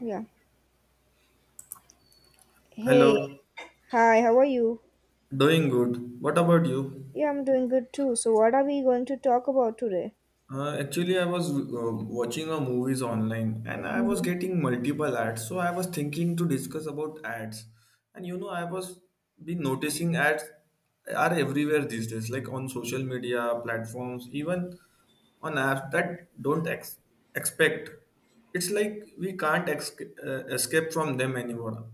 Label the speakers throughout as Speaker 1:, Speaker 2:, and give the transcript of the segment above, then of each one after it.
Speaker 1: Yeah. Hey,
Speaker 2: Hello,
Speaker 1: hi, how are you?
Speaker 2: doing good. What about you?
Speaker 1: Yeah, I'm doing good too. So, what are we going to talk about today?
Speaker 2: Actually, I was watching a movies online and I was
Speaker 1: Mhm.
Speaker 2: getting multiple ads. So I was thinking to discuss about ads. And you know, I was been noticing ads are everywhere these days, like on social media platforms, even on apps that don't expect. It's like we can't escape from them anymore.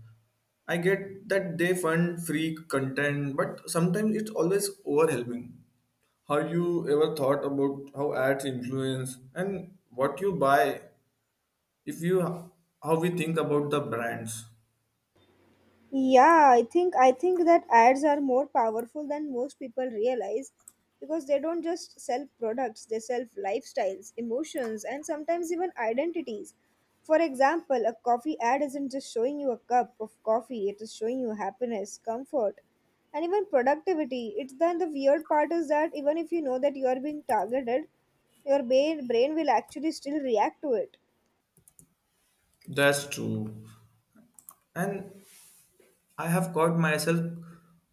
Speaker 2: I get that they fund free content, but sometimes it's always overwhelming. Have you ever thought about how ads influence and what you buy? If you how we think about the brands,
Speaker 1: Yeah, I think that ads are more powerful than most people realize because they don't just sell products, they sell lifestyles, emotions, and sometimes even identities. For example, a coffee ad isn't just showing you a cup of coffee, it is showing you happiness, comfort, and even productivity. It's then the weird part is that even if you know that you are being targeted, your brain will actually still react to it.
Speaker 2: that's true. And I have caught myself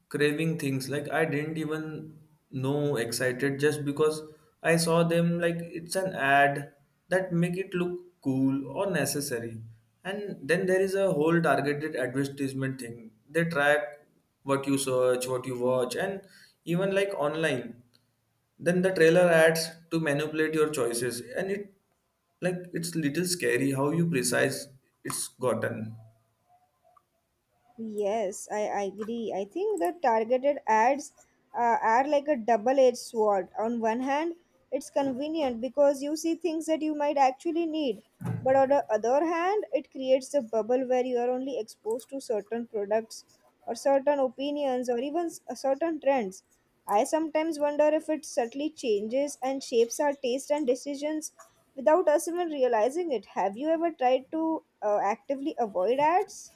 Speaker 2: craving things like I didn't even know excited just because I saw them like it's an ad that make it look cool or necessary. And then there is a whole targeted advertisement thing. They track what you search, what you watch, and even like online. Then the trailer adds to manipulate your choices, and it like it's little scary how you precise it's gotten.
Speaker 1: Yes, I agree. I think the targeted ads are like a double-edged sword. On one hand, it's convenient because you see things that you might actually need. But on the other hand, it creates a bubble where you are only exposed to certain products or certain opinions or even certain trends. I sometimes wonder if it subtly changes and shapes our taste and decisions without us even realizing it. Have you ever tried to actively avoid ads?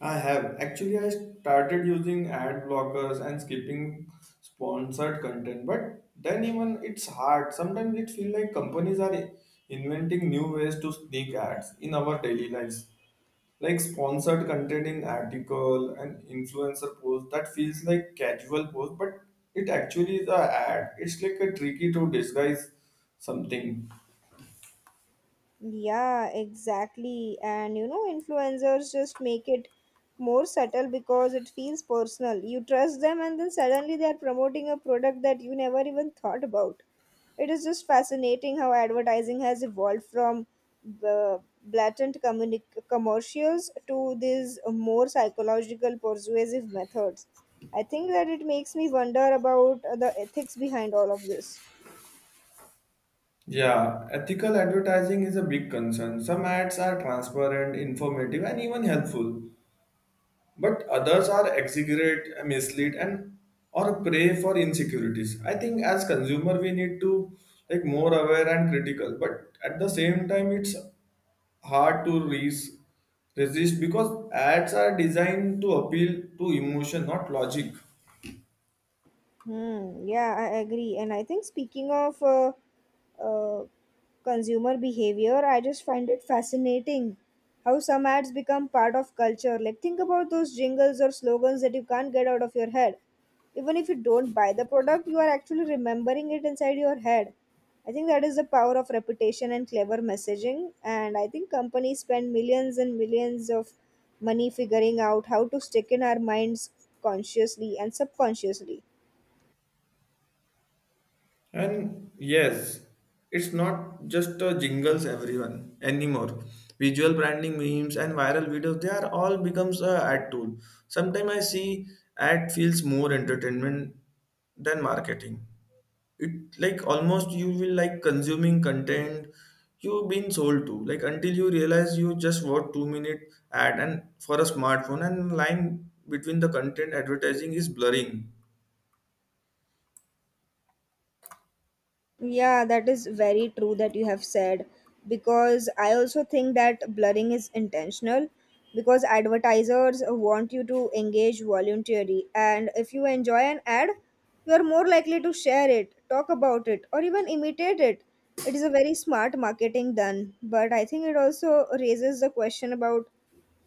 Speaker 2: I have actually I started using ad blockers and skipping sponsored content, but then even it's hard. Sometimes it feels like companies are inventing new ways to sneak ads in our daily lives, like sponsored content in article and influencer post that feels like casual post, but it actually is a ad. It's like a tricky to disguise something.
Speaker 1: Yeah, exactly. And you know, influencers just make it more subtle because it feels personal. You trust them, and then suddenly they are promoting a product that you never even thought about. It is just fascinating how advertising has evolved from the commercials to these more psychological, persuasive methods. I think that it makes me wonder about the ethics behind all of this.
Speaker 2: Yeah, ethical advertising is a big concern. Some ads are transparent, informative, and even helpful, but others are exaggerate mislead and or prey for insecurities. I think as consumer we need to like more aware and critical, but at the same time it's hard to resist because ads are designed to appeal to emotion not logic.
Speaker 1: Hmm, yeah, I agree. And I think speaking of uh, consumer behavior, I just find it fascinating how some ads become part of culture. Like, think about those jingles or slogans that you can't get out of your head. Even if you don't buy the product, you are actually remembering it inside your head. I think that is the power of reputation and clever messaging. And I think companies spend millions and millions of money figuring out how to stick in our minds consciously and subconsciously.
Speaker 2: And yes, it's not just jingles everyone anymore. Visual branding, memes, and viral videos, they are all becomes a ad tool. Sometimes I see ad feels more entertainment than marketing. It like almost you will like consuming content you've been sold to. Like until you realize you just watch 2-minute ad and for a smartphone, and line between the content advertising is blurring.
Speaker 1: Yeah, that is very true that you have said because I also think that blurring is intentional because advertisers want you to engage voluntarily, and if you enjoy an ad, you are more likely to share it, talk about it, or even imitate it. It is a very smart marketing done, but I think it also raises the question about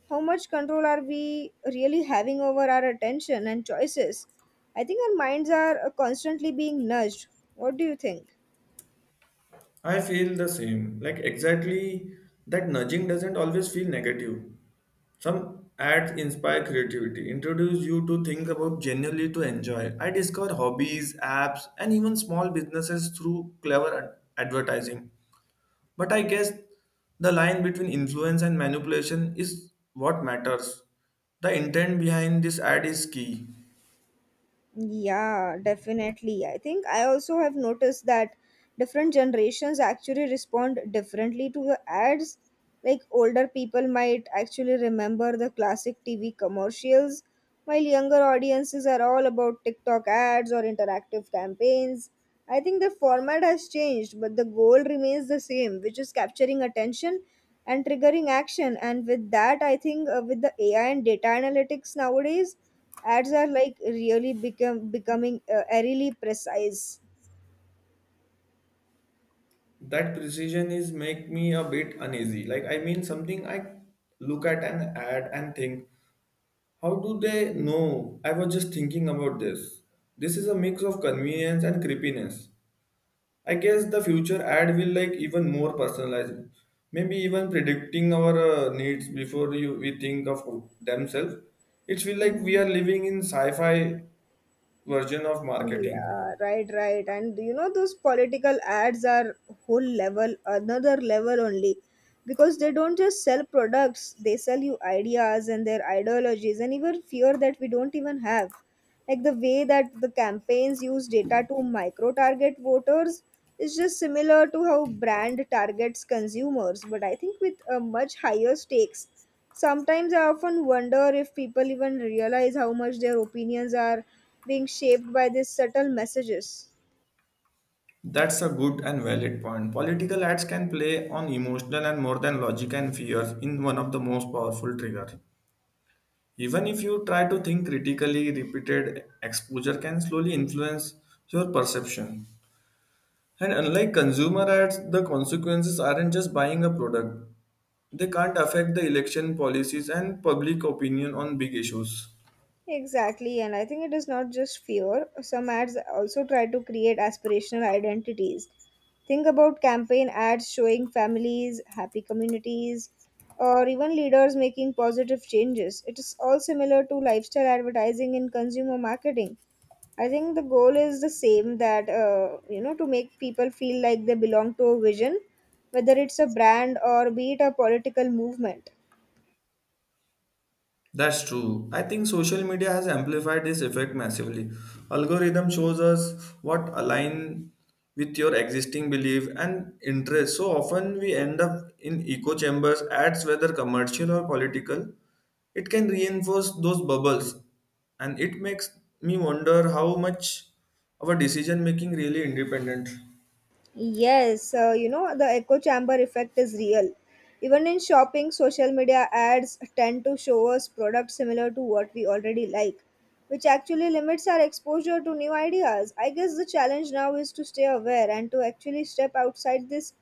Speaker 1: how much control are we really having over our attention and choices. I think our minds are constantly being nudged. What do you think?
Speaker 2: I feel the same. Like exactly that nudging doesn't always feel negative. Some ads inspire creativity, introduce you to think about genuinely to enjoy. I discover hobbies, apps, and even small businesses through clever advertising. But I guess the line between influence and manipulation is what matters. The intent behind this ad is key.
Speaker 1: Yeah, definitely. I think I also have noticed that different generations actually respond differently to the ads. Like older people might actually remember the classic TV commercials, while younger audiences are all about TikTok ads or interactive campaigns. I think the format has changed, but the goal remains the same, which is capturing attention and triggering action. And with that, I think with the AI and data analytics nowadays, ads are like really become becoming eerily precise.
Speaker 2: That precision is make me a bit uneasy. Like I mean something I look at an ad and think, how do they know? I was just thinking about this. This is a mix of convenience and creepiness. I guess the future ad will like even more personalized. Maybe even predicting our needs before you, we think of themselves. It feel like we
Speaker 1: Mhm.
Speaker 2: are living in sci-fi version of marketing.
Speaker 1: Yeah, right, right, and you know those political ads are whole level, another level only, because they don't just sell products, they sell you ideas and their ideologies and even fear that we don't even have. Like the way that the campaigns use data to micro target voters is just similar to how brand targets consumers, but I think with a much higher stakes. Sometimes I often wonder if people even realize how much their opinions are being shaped by these subtle messages.
Speaker 2: That's a good and valid point. Political ads can play on emotional and more than logic, and fears in one of the most powerful trigger. Even if you try to think critically, repeated exposure can slowly influence your perception. And unlike consumer ads, the consequences aren't just buying a product, they can't affect the election policies and public opinion on big issues.
Speaker 1: Exactly, and I think it is not just fear. Some ads also try to create aspirational identities. Think about campaign ads showing families, happy communities, or even leaders making positive changes. It is all similar to lifestyle advertising in consumer marketing. I think the goal is the same, that, to make people feel like they belong to a vision, whether it's a brand or be it a political movement.
Speaker 2: That's true. I think social media has amplified this effect massively. Algorithm shows us what align with your existing belief and interest. So often we end up in echo chambers, ads whether commercial or political. It can reinforce those bubbles and it makes me wonder how much our decision making really independent.
Speaker 1: Yes, the echo chamber effect is real. Even in shopping, social media ads tend to show us products similar to what we already like, which actually limits our exposure to new ideas. I guess the challenge now is to stay aware and to actually step outside this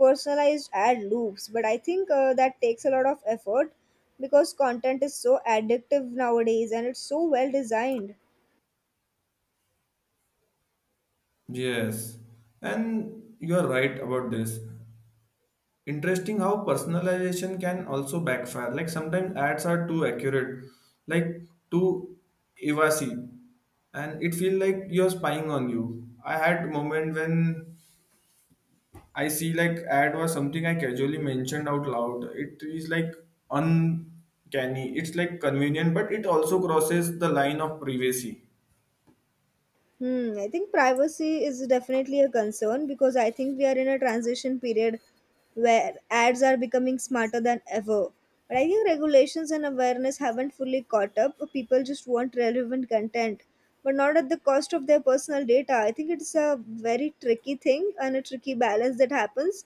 Speaker 1: personalized ad loops. But I think that takes a lot of effort because content is so addictive nowadays and it's so well designed.
Speaker 2: Yes, and you are right about this. Interesting how personalization can also backfire. Like sometimes ads are too accurate, like too evasive, and it feel like you're spying on you. I had moment when I see like ad was something I casually mentioned out loud. It is like uncanny. It's like convenient, but it also crosses the line of privacy.
Speaker 1: Hmm, I think privacy is definitely a concern because I think we are in a transition period where ads are becoming smarter than ever. But I think regulations and awareness haven't fully caught up. People just want relevant content, but not at the cost of their personal data. I think it's a very tricky thing and a tricky balance that happens.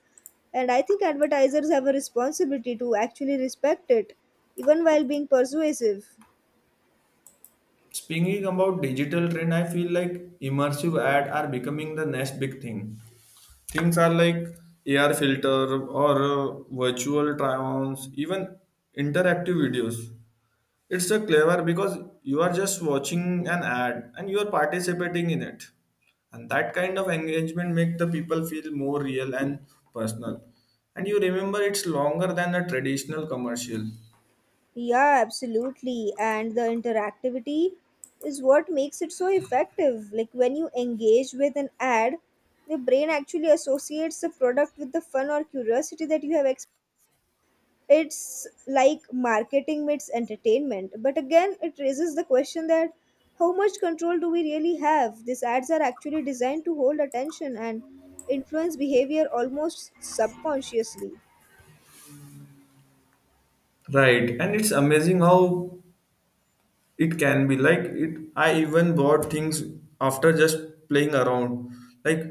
Speaker 1: And I think advertisers have a responsibility to actually respect it, even while being persuasive.
Speaker 2: Speaking about digital trend, I feel like immersive ad are becoming the next big thing. Things are like AR filter or virtual try-ons, even interactive videos. It's a clever because you are just watching an ad and you are participating in it. And that kind of engagement make the people feel more real and personal. And you remember it's longer than a traditional commercial.
Speaker 1: Yeah, absolutely. And the interactivity is what makes it so effective. Like when you engage with an ad, your brain actually associates the product with the fun or curiosity that you have experienced. It's like marketing meets entertainment. But again, it raises the question that how much control do we really have? These ads are actually designed to hold attention and influence behavior almost subconsciously.
Speaker 2: Right, and it's amazing how it can be like it I even bought things after just playing around like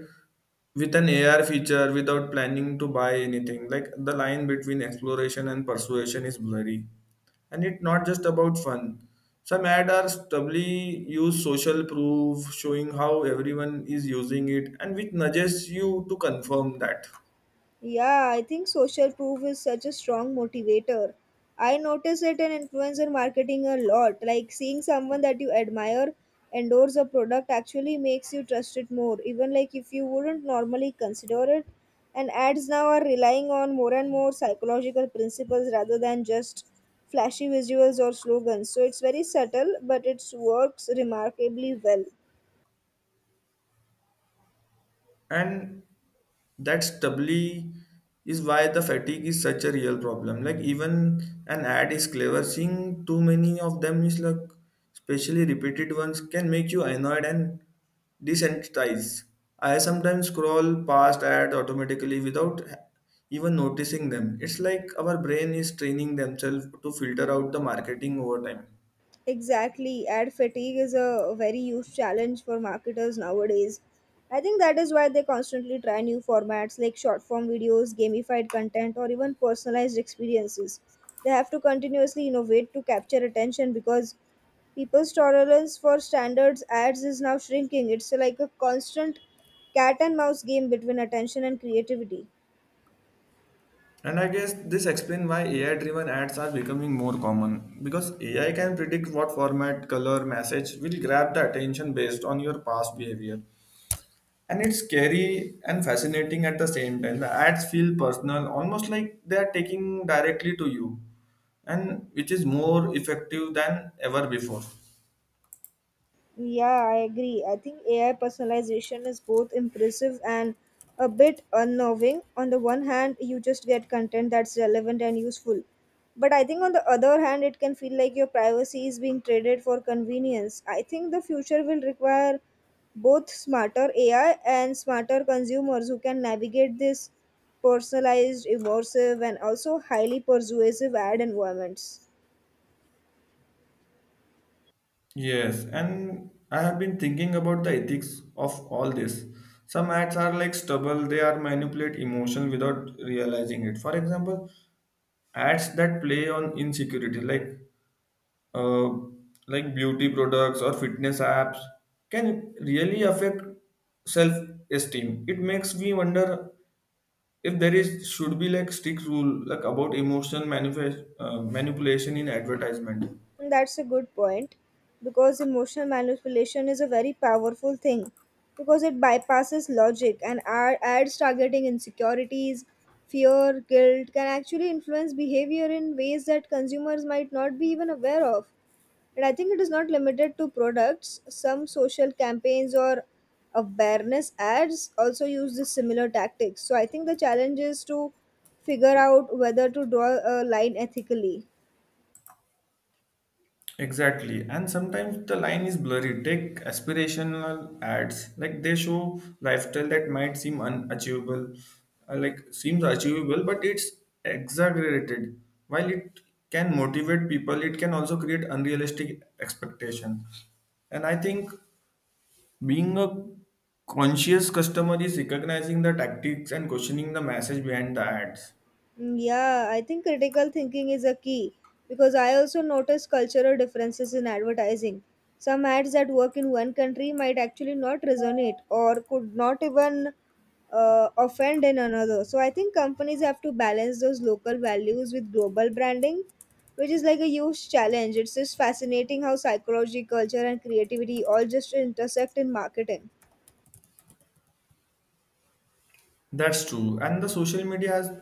Speaker 2: with an ar feature without planning to buy anything. Like the line between exploration and persuasion is blurry, and it's not just about fun. Some ads are doubly use social proof, showing how everyone is using it and which nudges you to confirm that.
Speaker 1: Yeah, I think social proof is such a strong motivator. I notice it in influencer marketing a lot. Like seeing someone that you admire endorse a product actually makes you trust it more, even like if you wouldn't normally consider it. And ads now are relying on more and more psychological principles rather than just flashy visuals or slogans. So it's very subtle, but it works remarkably well.
Speaker 2: And that's doubly is why the fatigue is such a real problem. Like even an ad is clever, seeing too many of them is like especially repeated ones can make you annoyed and desensitized. I sometimes scroll past ads automatically without even noticing them. It's like our brain is training themselves to filter out the marketing over time.
Speaker 1: Exactly. Ad fatigue is a very huge challenge for marketers nowadays. I think that is why they constantly try new formats like short form videos, gamified content, or even personalized experiences. They have to continuously innovate to capture attention because people's tolerance for standards ads is now shrinking. It's like a constant cat and mouse game between attention and creativity.
Speaker 2: And I guess this explains why AI driven ads are becoming more common because AI can predict what format, color, message will grab the attention based on your past behavior. And it's scary and fascinating at the same time. The ads feel personal, almost like they are taking directly to you, and which is more effective than ever before.
Speaker 1: Yeah, I agree. I think AI personalization is both impressive and a bit unnerving. On the one hand, you just get content that's relevant and useful. But I think on the other hand, it can feel like your privacy is being traded for convenience. I think the future will require both smarter AI and smarter consumers who can navigate this personalized, immersive, and also highly persuasive ad environments.
Speaker 2: Yes, and I have been thinking about the ethics of all this. Some ads are like stubble, they are manipulate emotion without realizing it. For example, ads that play on insecurity uh, like beauty products or fitness apps can really affect self esteem. It makes me wonder if there is should be like strict rule like about emotion manifest manipulation in advertisement.
Speaker 1: That's a good point because emotional manipulation is a very powerful thing because it bypasses logic, and adds targeting insecurities, fear, guilt can actually influence behavior in ways that consumers might not be even aware of. And I think it is not limited to products, some social campaigns or awareness ads also use the similar tactics. So I think the challenge is to figure out whether to draw a line ethically.
Speaker 2: Exactly. And sometimes the line is blurry. Take aspirational ads. Like they show lifestyle that might seem unachievable, like seems achievable, but it's exaggerated. While it can motivate people, it can also create unrealistic expectation. And I think being a conscious customer is recognizing the tactics and questioning the message behind the ads.
Speaker 1: Mm, yeah, I think critical thinking is a key because I also notice cultural differences in advertising. Some ads that work in one country might actually not resonate or could not even offend in another. So I think companies have to balance those local values with global branding, which is like a huge challenge. It's just fascinating how psychology, culture, and creativity all just intersect in marketing.
Speaker 2: That's true. And the social media has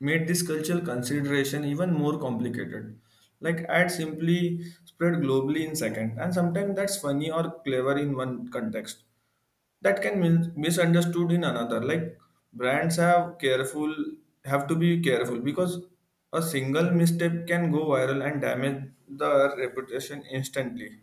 Speaker 2: made this cultural consideration even more complicated. Like ads simply spread globally in second, and sometimes that's funny or clever in one context. That can misunderstood in another. Like brands have careful have to be careful because a single misstep can go viral and damage the reputation instantly.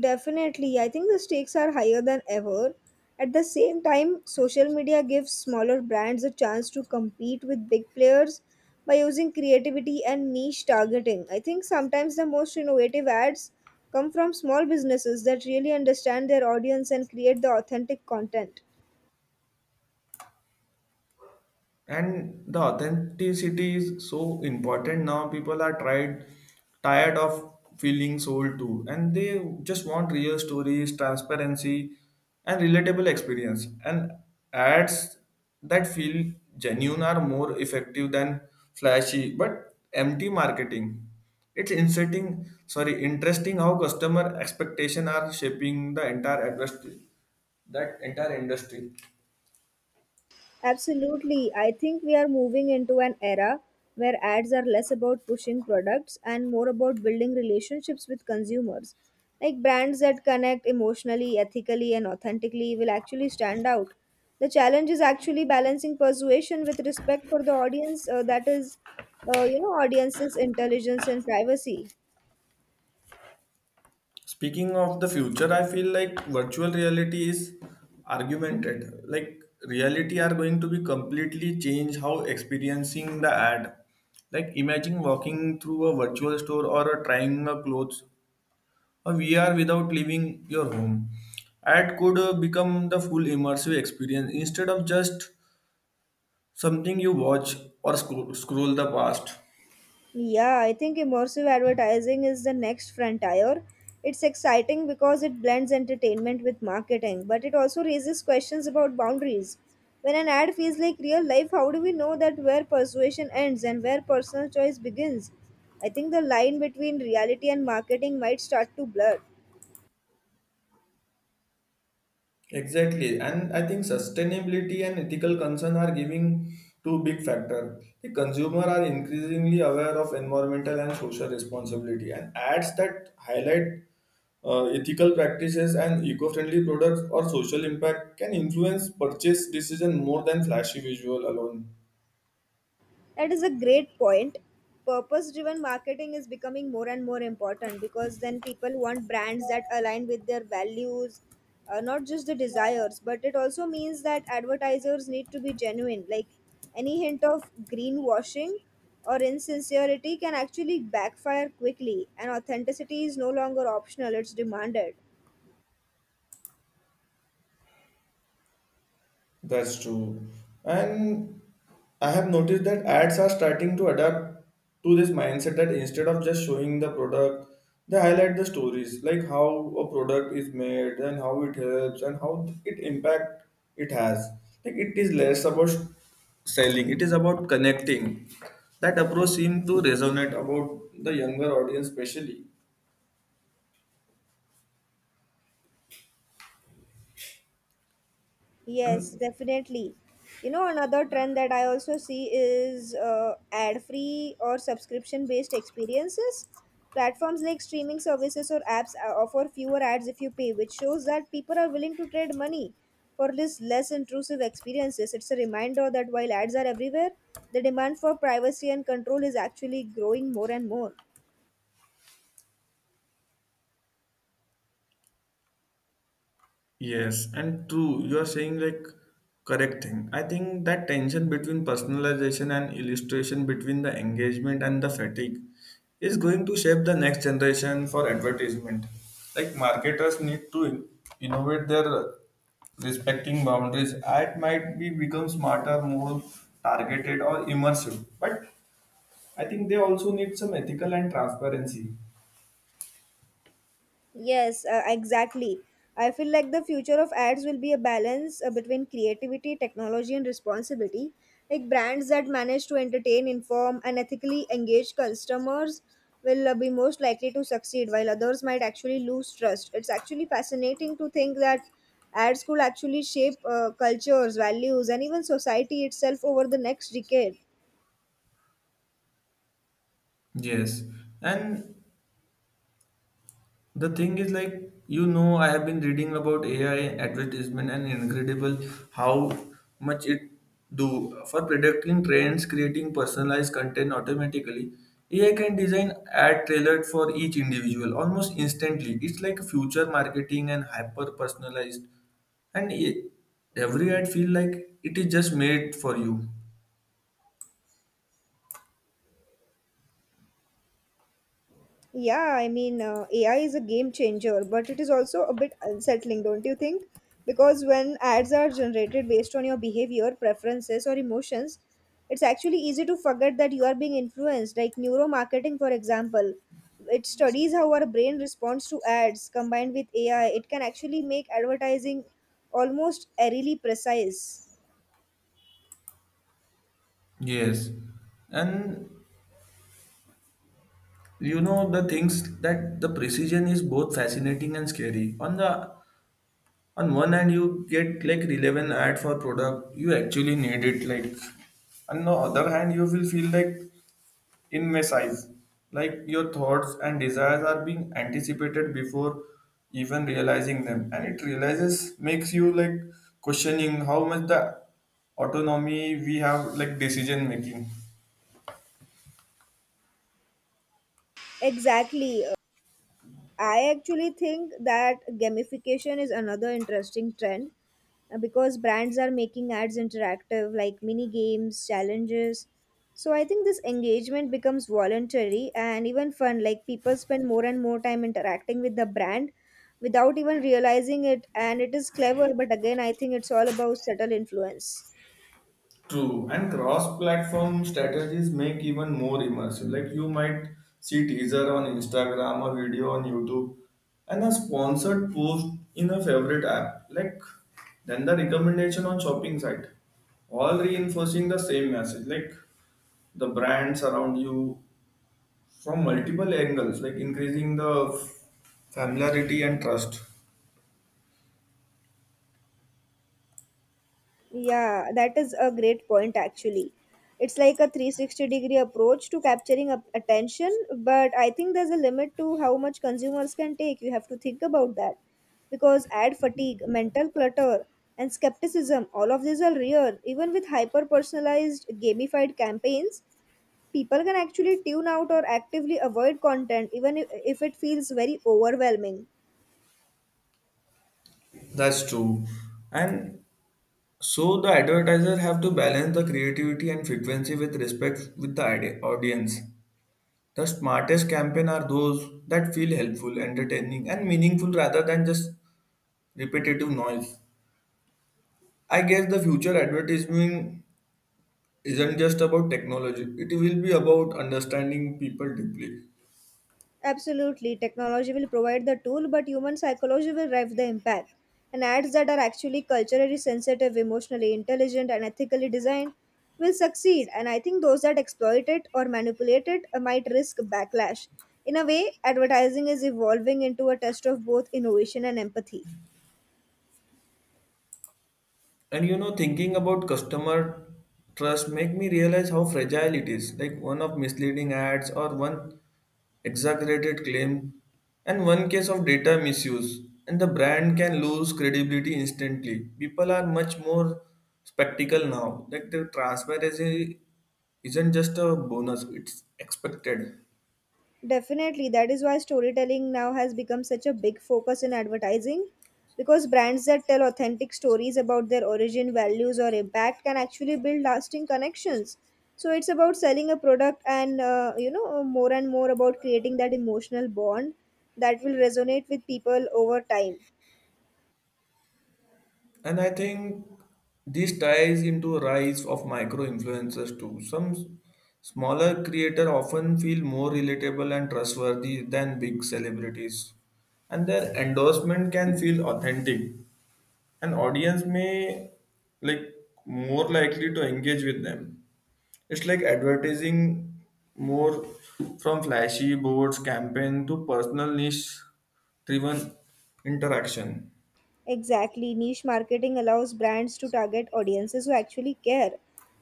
Speaker 1: Definitely, I think the stakes are higher than ever. At the same time, social media gives smaller brands a chance to compete with big players by using creativity and niche targeting. I think sometimes the most innovative ads come from small businesses that really understand their audience and create the authentic content.
Speaker 2: And the authenticity is so important now. People are tried tired of feeling sold to, and they just want real stories, transparency, and relatable experience. And ads that feel genuine are more effective than flashy but empty marketing. It's inserting sorry interesting how customer expectation are shaping the entire industry, that entire industry.
Speaker 1: Absolutely. I think we are moving into an era where ads are less about pushing products and more about building relationships with consumers. Like brands that connect emotionally, ethically, and authentically will actually stand out. The challenge is actually balancing persuasion with respect for the audience, that is, audience's intelligence and privacy.
Speaker 2: Speaking of the future, I feel like virtual reality is argumented. Like reality are going to be completely change how experiencing the ad. Like imagine walking through a virtual store or a trying a clothes or VR without leaving your home. Ad could become the full immersive experience instead of just something you watch or scroll the past.
Speaker 1: Yeah, I think immersive advertising is the next frontier. It's exciting because it blends entertainment with marketing, but it also raises questions about boundaries. When an ad feels like real life, how do we know that where persuasion ends and where personal choice begins? I think the line between reality and marketing might start to blur.
Speaker 2: Exactly, and I think sustainability and ethical concern are giving two big factor. The consumer are increasingly aware of environmental and social responsibility, and ads that highlight ethical practices and eco-friendly products or social impact can influence purchase decision more than flashy visual alone.
Speaker 1: That is a great point. Purpose driven marketing is becoming more and more important because then people want brands that align with their values, not just the desires, but it also means that advertisers need to be genuine. Like any hint of greenwashing or insincerity can actually backfire quickly, and authenticity is no longer optional, it's demanded.
Speaker 2: That's true. And I have noticed that ads are starting to adapt to this mindset that instead of just showing the product, they highlight the stories like how a product is made and how it helps and how it impact it has. Like it is less about selling, it is about connecting. That approach seemed to resonate about the younger audience especially.
Speaker 1: Yes,
Speaker 2: And
Speaker 1: definitely. You know, another trend that I also see is ad-free or subscription-based experiences. Platforms like streaming services or apps offer fewer ads if you pay, which shows that people are willing to trade money for this less intrusive experiences. It's a reminder that while ads are everywhere, the demand for privacy and control is actually growing more and more.
Speaker 2: yes, and true, you are saying like correct thing. I think that tension between personalization and illustration between the engagement and the fatigue is going to shape the next generation for advertisement. Like marketers need to innovate their respecting boundaries. Ad might be become smarter, more targeted or immersive. But I think they also need some ethical and transparency.
Speaker 1: Yes, exactly. I feel like the future of ads will be a balance between creativity, technology, and responsibility. Like brands that manage to entertain, inform, and ethically engage customers will be most likely to succeed, while others might actually lose trust. It's actually fascinating to think that ads could actually shape cultures, values, and even society itself over the next decade.
Speaker 2: Yes, and the thing is, like, you know, I have been reading about AI advertisement and incredible how much it do for predicting trends, creating personalized content automatically. AI can design ad tailored for each individual almost instantly. It's like future marketing and hyper personalized. And it, every ad feel like it is just made for you.
Speaker 1: Yeah, I mean, AI is a game changer, but it is also a bit unsettling, don't you think? Because when ads are generated based on your behavior, preferences, or emotions, it's actually easy to forget that you are being influenced. Like neuromarketing, for example, it studies how our brain responds to ads combined with AI. It can actually make advertising almost eerily precise.
Speaker 2: Yes. And you know the things that the precision is both fascinating and scary. On the on one hand you get like relevant ad for product you actually need it. Like on the other hand you will feel like in my size, like your thoughts and desires are being anticipated before even realizing them, and it realizes makes you like questioning how much the autonomy we have like decision making.
Speaker 1: Exactly. I actually think that gamification is another interesting trend because brands are making ads interactive like mini games challenges, so I think this engagement becomes voluntary and even fun, like people spend more and more time interacting with the brand without even realizing it. And it is clever, but again I think it's all about subtle influence.
Speaker 2: True, and cross-platform strategies make even more immersive. Like you might see teaser on Instagram, a video on YouTube, and a sponsored post in a favorite app. Like then the recommendation on shopping site, all reinforcing the same message. Like the brands around you from multiple angles, like increasing the familiarity and trust.
Speaker 1: Yeah, that is a great point actually. It's like a 360 degree approach to capturing up attention, but I think there's a limit to how much consumers can take. You have to think about that because ad fatigue, mental clutter, and skepticism, all of these are real. Even with hyper personalized gamified campaigns, people can actually tune out or actively avoid content even if it feels very overwhelming.
Speaker 2: That's true, and so the advertiser have to balance the creativity and frequency with respect with the audience. The smartest campaign are those that feel helpful, entertaining, and meaningful rather than just repetitive noise. I guess the future advertising isn't just about technology; it will be about understanding people deeply.
Speaker 1: Absolutely, technology will provide the tool, but human psychology will drive the impact. And ads that are actually culturally sensitive, emotionally intelligent, and ethically designed will succeed. And I think those that exploit it or manipulate it might risk backlash. In a way, advertising is evolving into a test of both innovation and empathy.
Speaker 2: And you know, thinking about customer trust make me realize how fragile it is. Like one of misleading ads or one exaggerated claim, and one case of data misuse, and the brand can lose credibility instantly. People are much more spectacle now. Like the transparency isn't just a bonus, it's expected.
Speaker 1: Definitely. That is why storytelling now has become such a big focus in advertising, because brands that tell authentic stories about their origin, values, or impact can actually build lasting connections. So it's about selling a product and, you know, more and more about creating that emotional bond that will resonate with people over time.
Speaker 2: And I think this ties into a rise of micro influencers too. Some smaller creator often feel more relatable and trustworthy than big celebrities. And their endorsement can feel authentic. An audience may like more likely to engage with them. It's like advertising more from flashy boards campaign to personal niche driven interaction.
Speaker 1: Exactly. Niche marketing allows brands to target audiences who actually care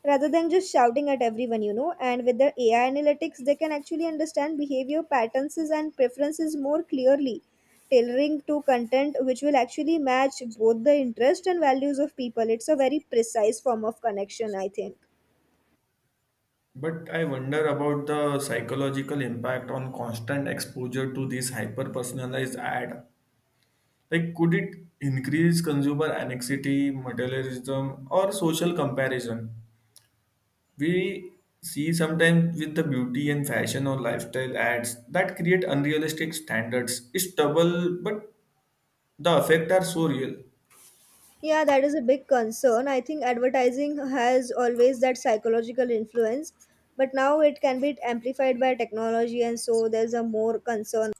Speaker 1: rather than just shouting at everyone, you know. And with the AI analytics, they can actually understand behavior patterns and preferences more clearly, tailoring to content which will actually match both the interest and values of people. It's a very precise form of connection, I think.
Speaker 2: But I wonder about the psychological impact on constant exposure to this hyper personalized ad. Like could it increase consumer anxiety materialism or social comparison. We see sometimes with the beauty and fashion or lifestyle ads that create unrealistic standards. It's double, but the effects are so real.
Speaker 1: Yeah, that is a big concern. I think advertising has always that psychological influence, but now it can be amplified by technology, and so there's a more concern.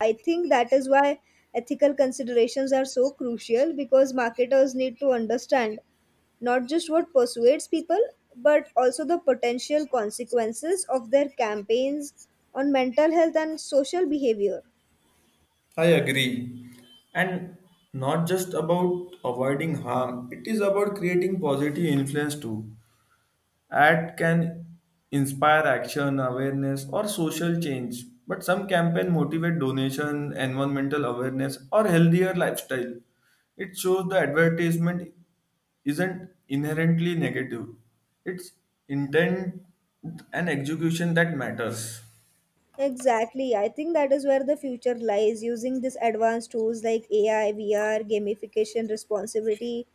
Speaker 1: I think that is why ethical considerations are so crucial, because marketers need to understand not just what persuades people but also the potential consequences of their campaigns on mental health and social behavior.
Speaker 2: I agree. And not just about avoiding harm, it is about creating positive influence too. Ad can inspire action, awareness, or social change, but some campaign motivate donation, environmental awareness, or healthier lifestyle. It shows the advertisement isn't inherently negative. It's intent and execution that matters.
Speaker 1: Exactly. I think that is where the future lies, using these advanced tools like AI, VR, gamification, responsibility,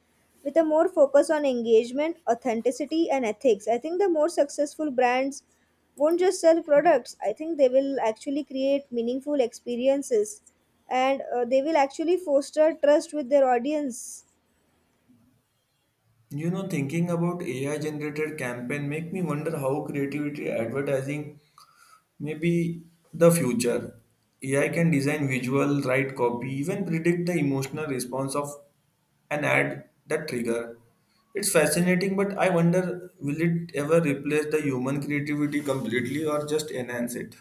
Speaker 1: with a more focus on engagement, authenticity, and ethics. I think the more successful brands won't just sell products, I think they will actually create meaningful experiences and they will actually foster trust with their audience.
Speaker 2: You know, thinking about AI generated campaign make me wonder how creativity advertising maybe the future. AI can design visual, write copy, even predict the emotional response of an ad that trigger. It's fascinating, but I wonder will it ever replace the human creativity completely or just enhance it?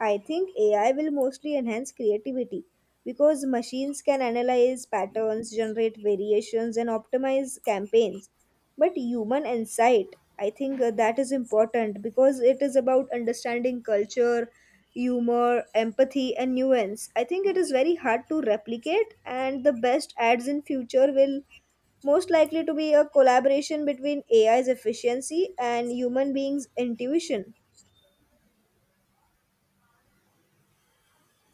Speaker 1: I think AI will mostly enhance creativity because machines can analyze patterns, generate variations, and optimize campaigns. But human insight, I think that is important because it is about understanding culture, humor, empathy, and nuance. I think it is very hard to replicate, and the best ads in future will most likely to be a collaboration between AI's efficiency and human beings' intuition.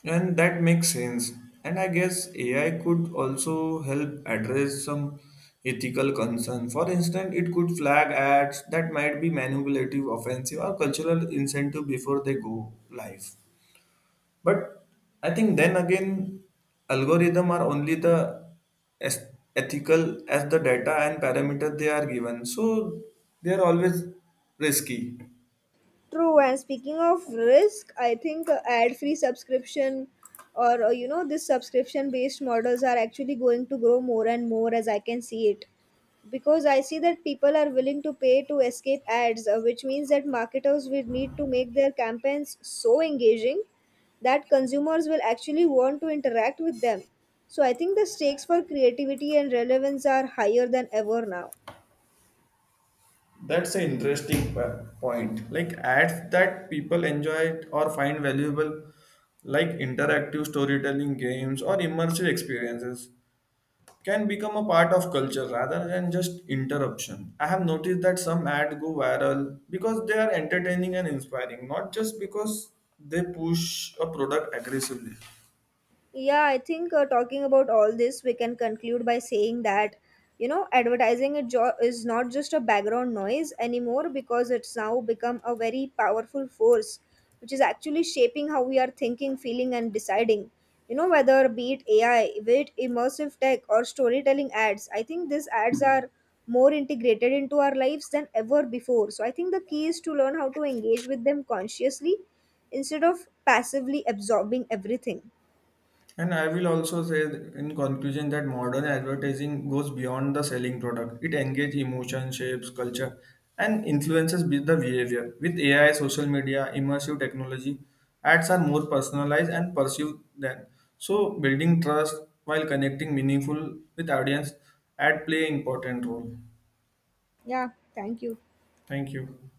Speaker 2: And that makes sense. And I guess AI could also help address some ethical concern. For instance, it could flag ads that might be manipulative, offensive, or cultural incentive before they go live. But I think then again, algorithm are only the as ethical as the data and parameter they are given. So they are always risky.
Speaker 1: True, and speaking of risk, I think ad-free subscription or you know, this subscription-based models are actually going to grow more and more as I can see it. Because I see that people are willing to pay to escape ads, which means that marketers will need to make their campaigns so engaging that consumers will actually want to interact with them. So I think the stakes for creativity and relevance are higher than ever now.
Speaker 2: That's an interesting point. Like ads that people enjoy or find valuable, like interactive storytelling games or immersive experiences, can become a part of culture rather than just interruption. I have noticed that some ads go viral because they are entertaining and inspiring, not just because they push a product aggressively.
Speaker 1: Yeah, I think talking about all this, we can conclude by saying that, you know, advertising is not just a background noise anymore because it's now become a very powerful force, which is actually shaping how we are thinking, feeling, and deciding. You know, whether be it AI, be it immersive tech, or storytelling ads, I think these ads are more integrated into our lives than ever before. So I think the key is to learn how to engage with them consciously instead of passively absorbing everything.
Speaker 2: And I will also say in conclusion that modern advertising goes beyond the selling product. It engages emotion, shapes, culture, and influences with the behavior. With AI, social media, immersive technology, ads are more personalized and perceived than. So building trust while connecting meaningful with audience, ad play important role.
Speaker 1: Yeah, thank you.
Speaker 2: Thank you.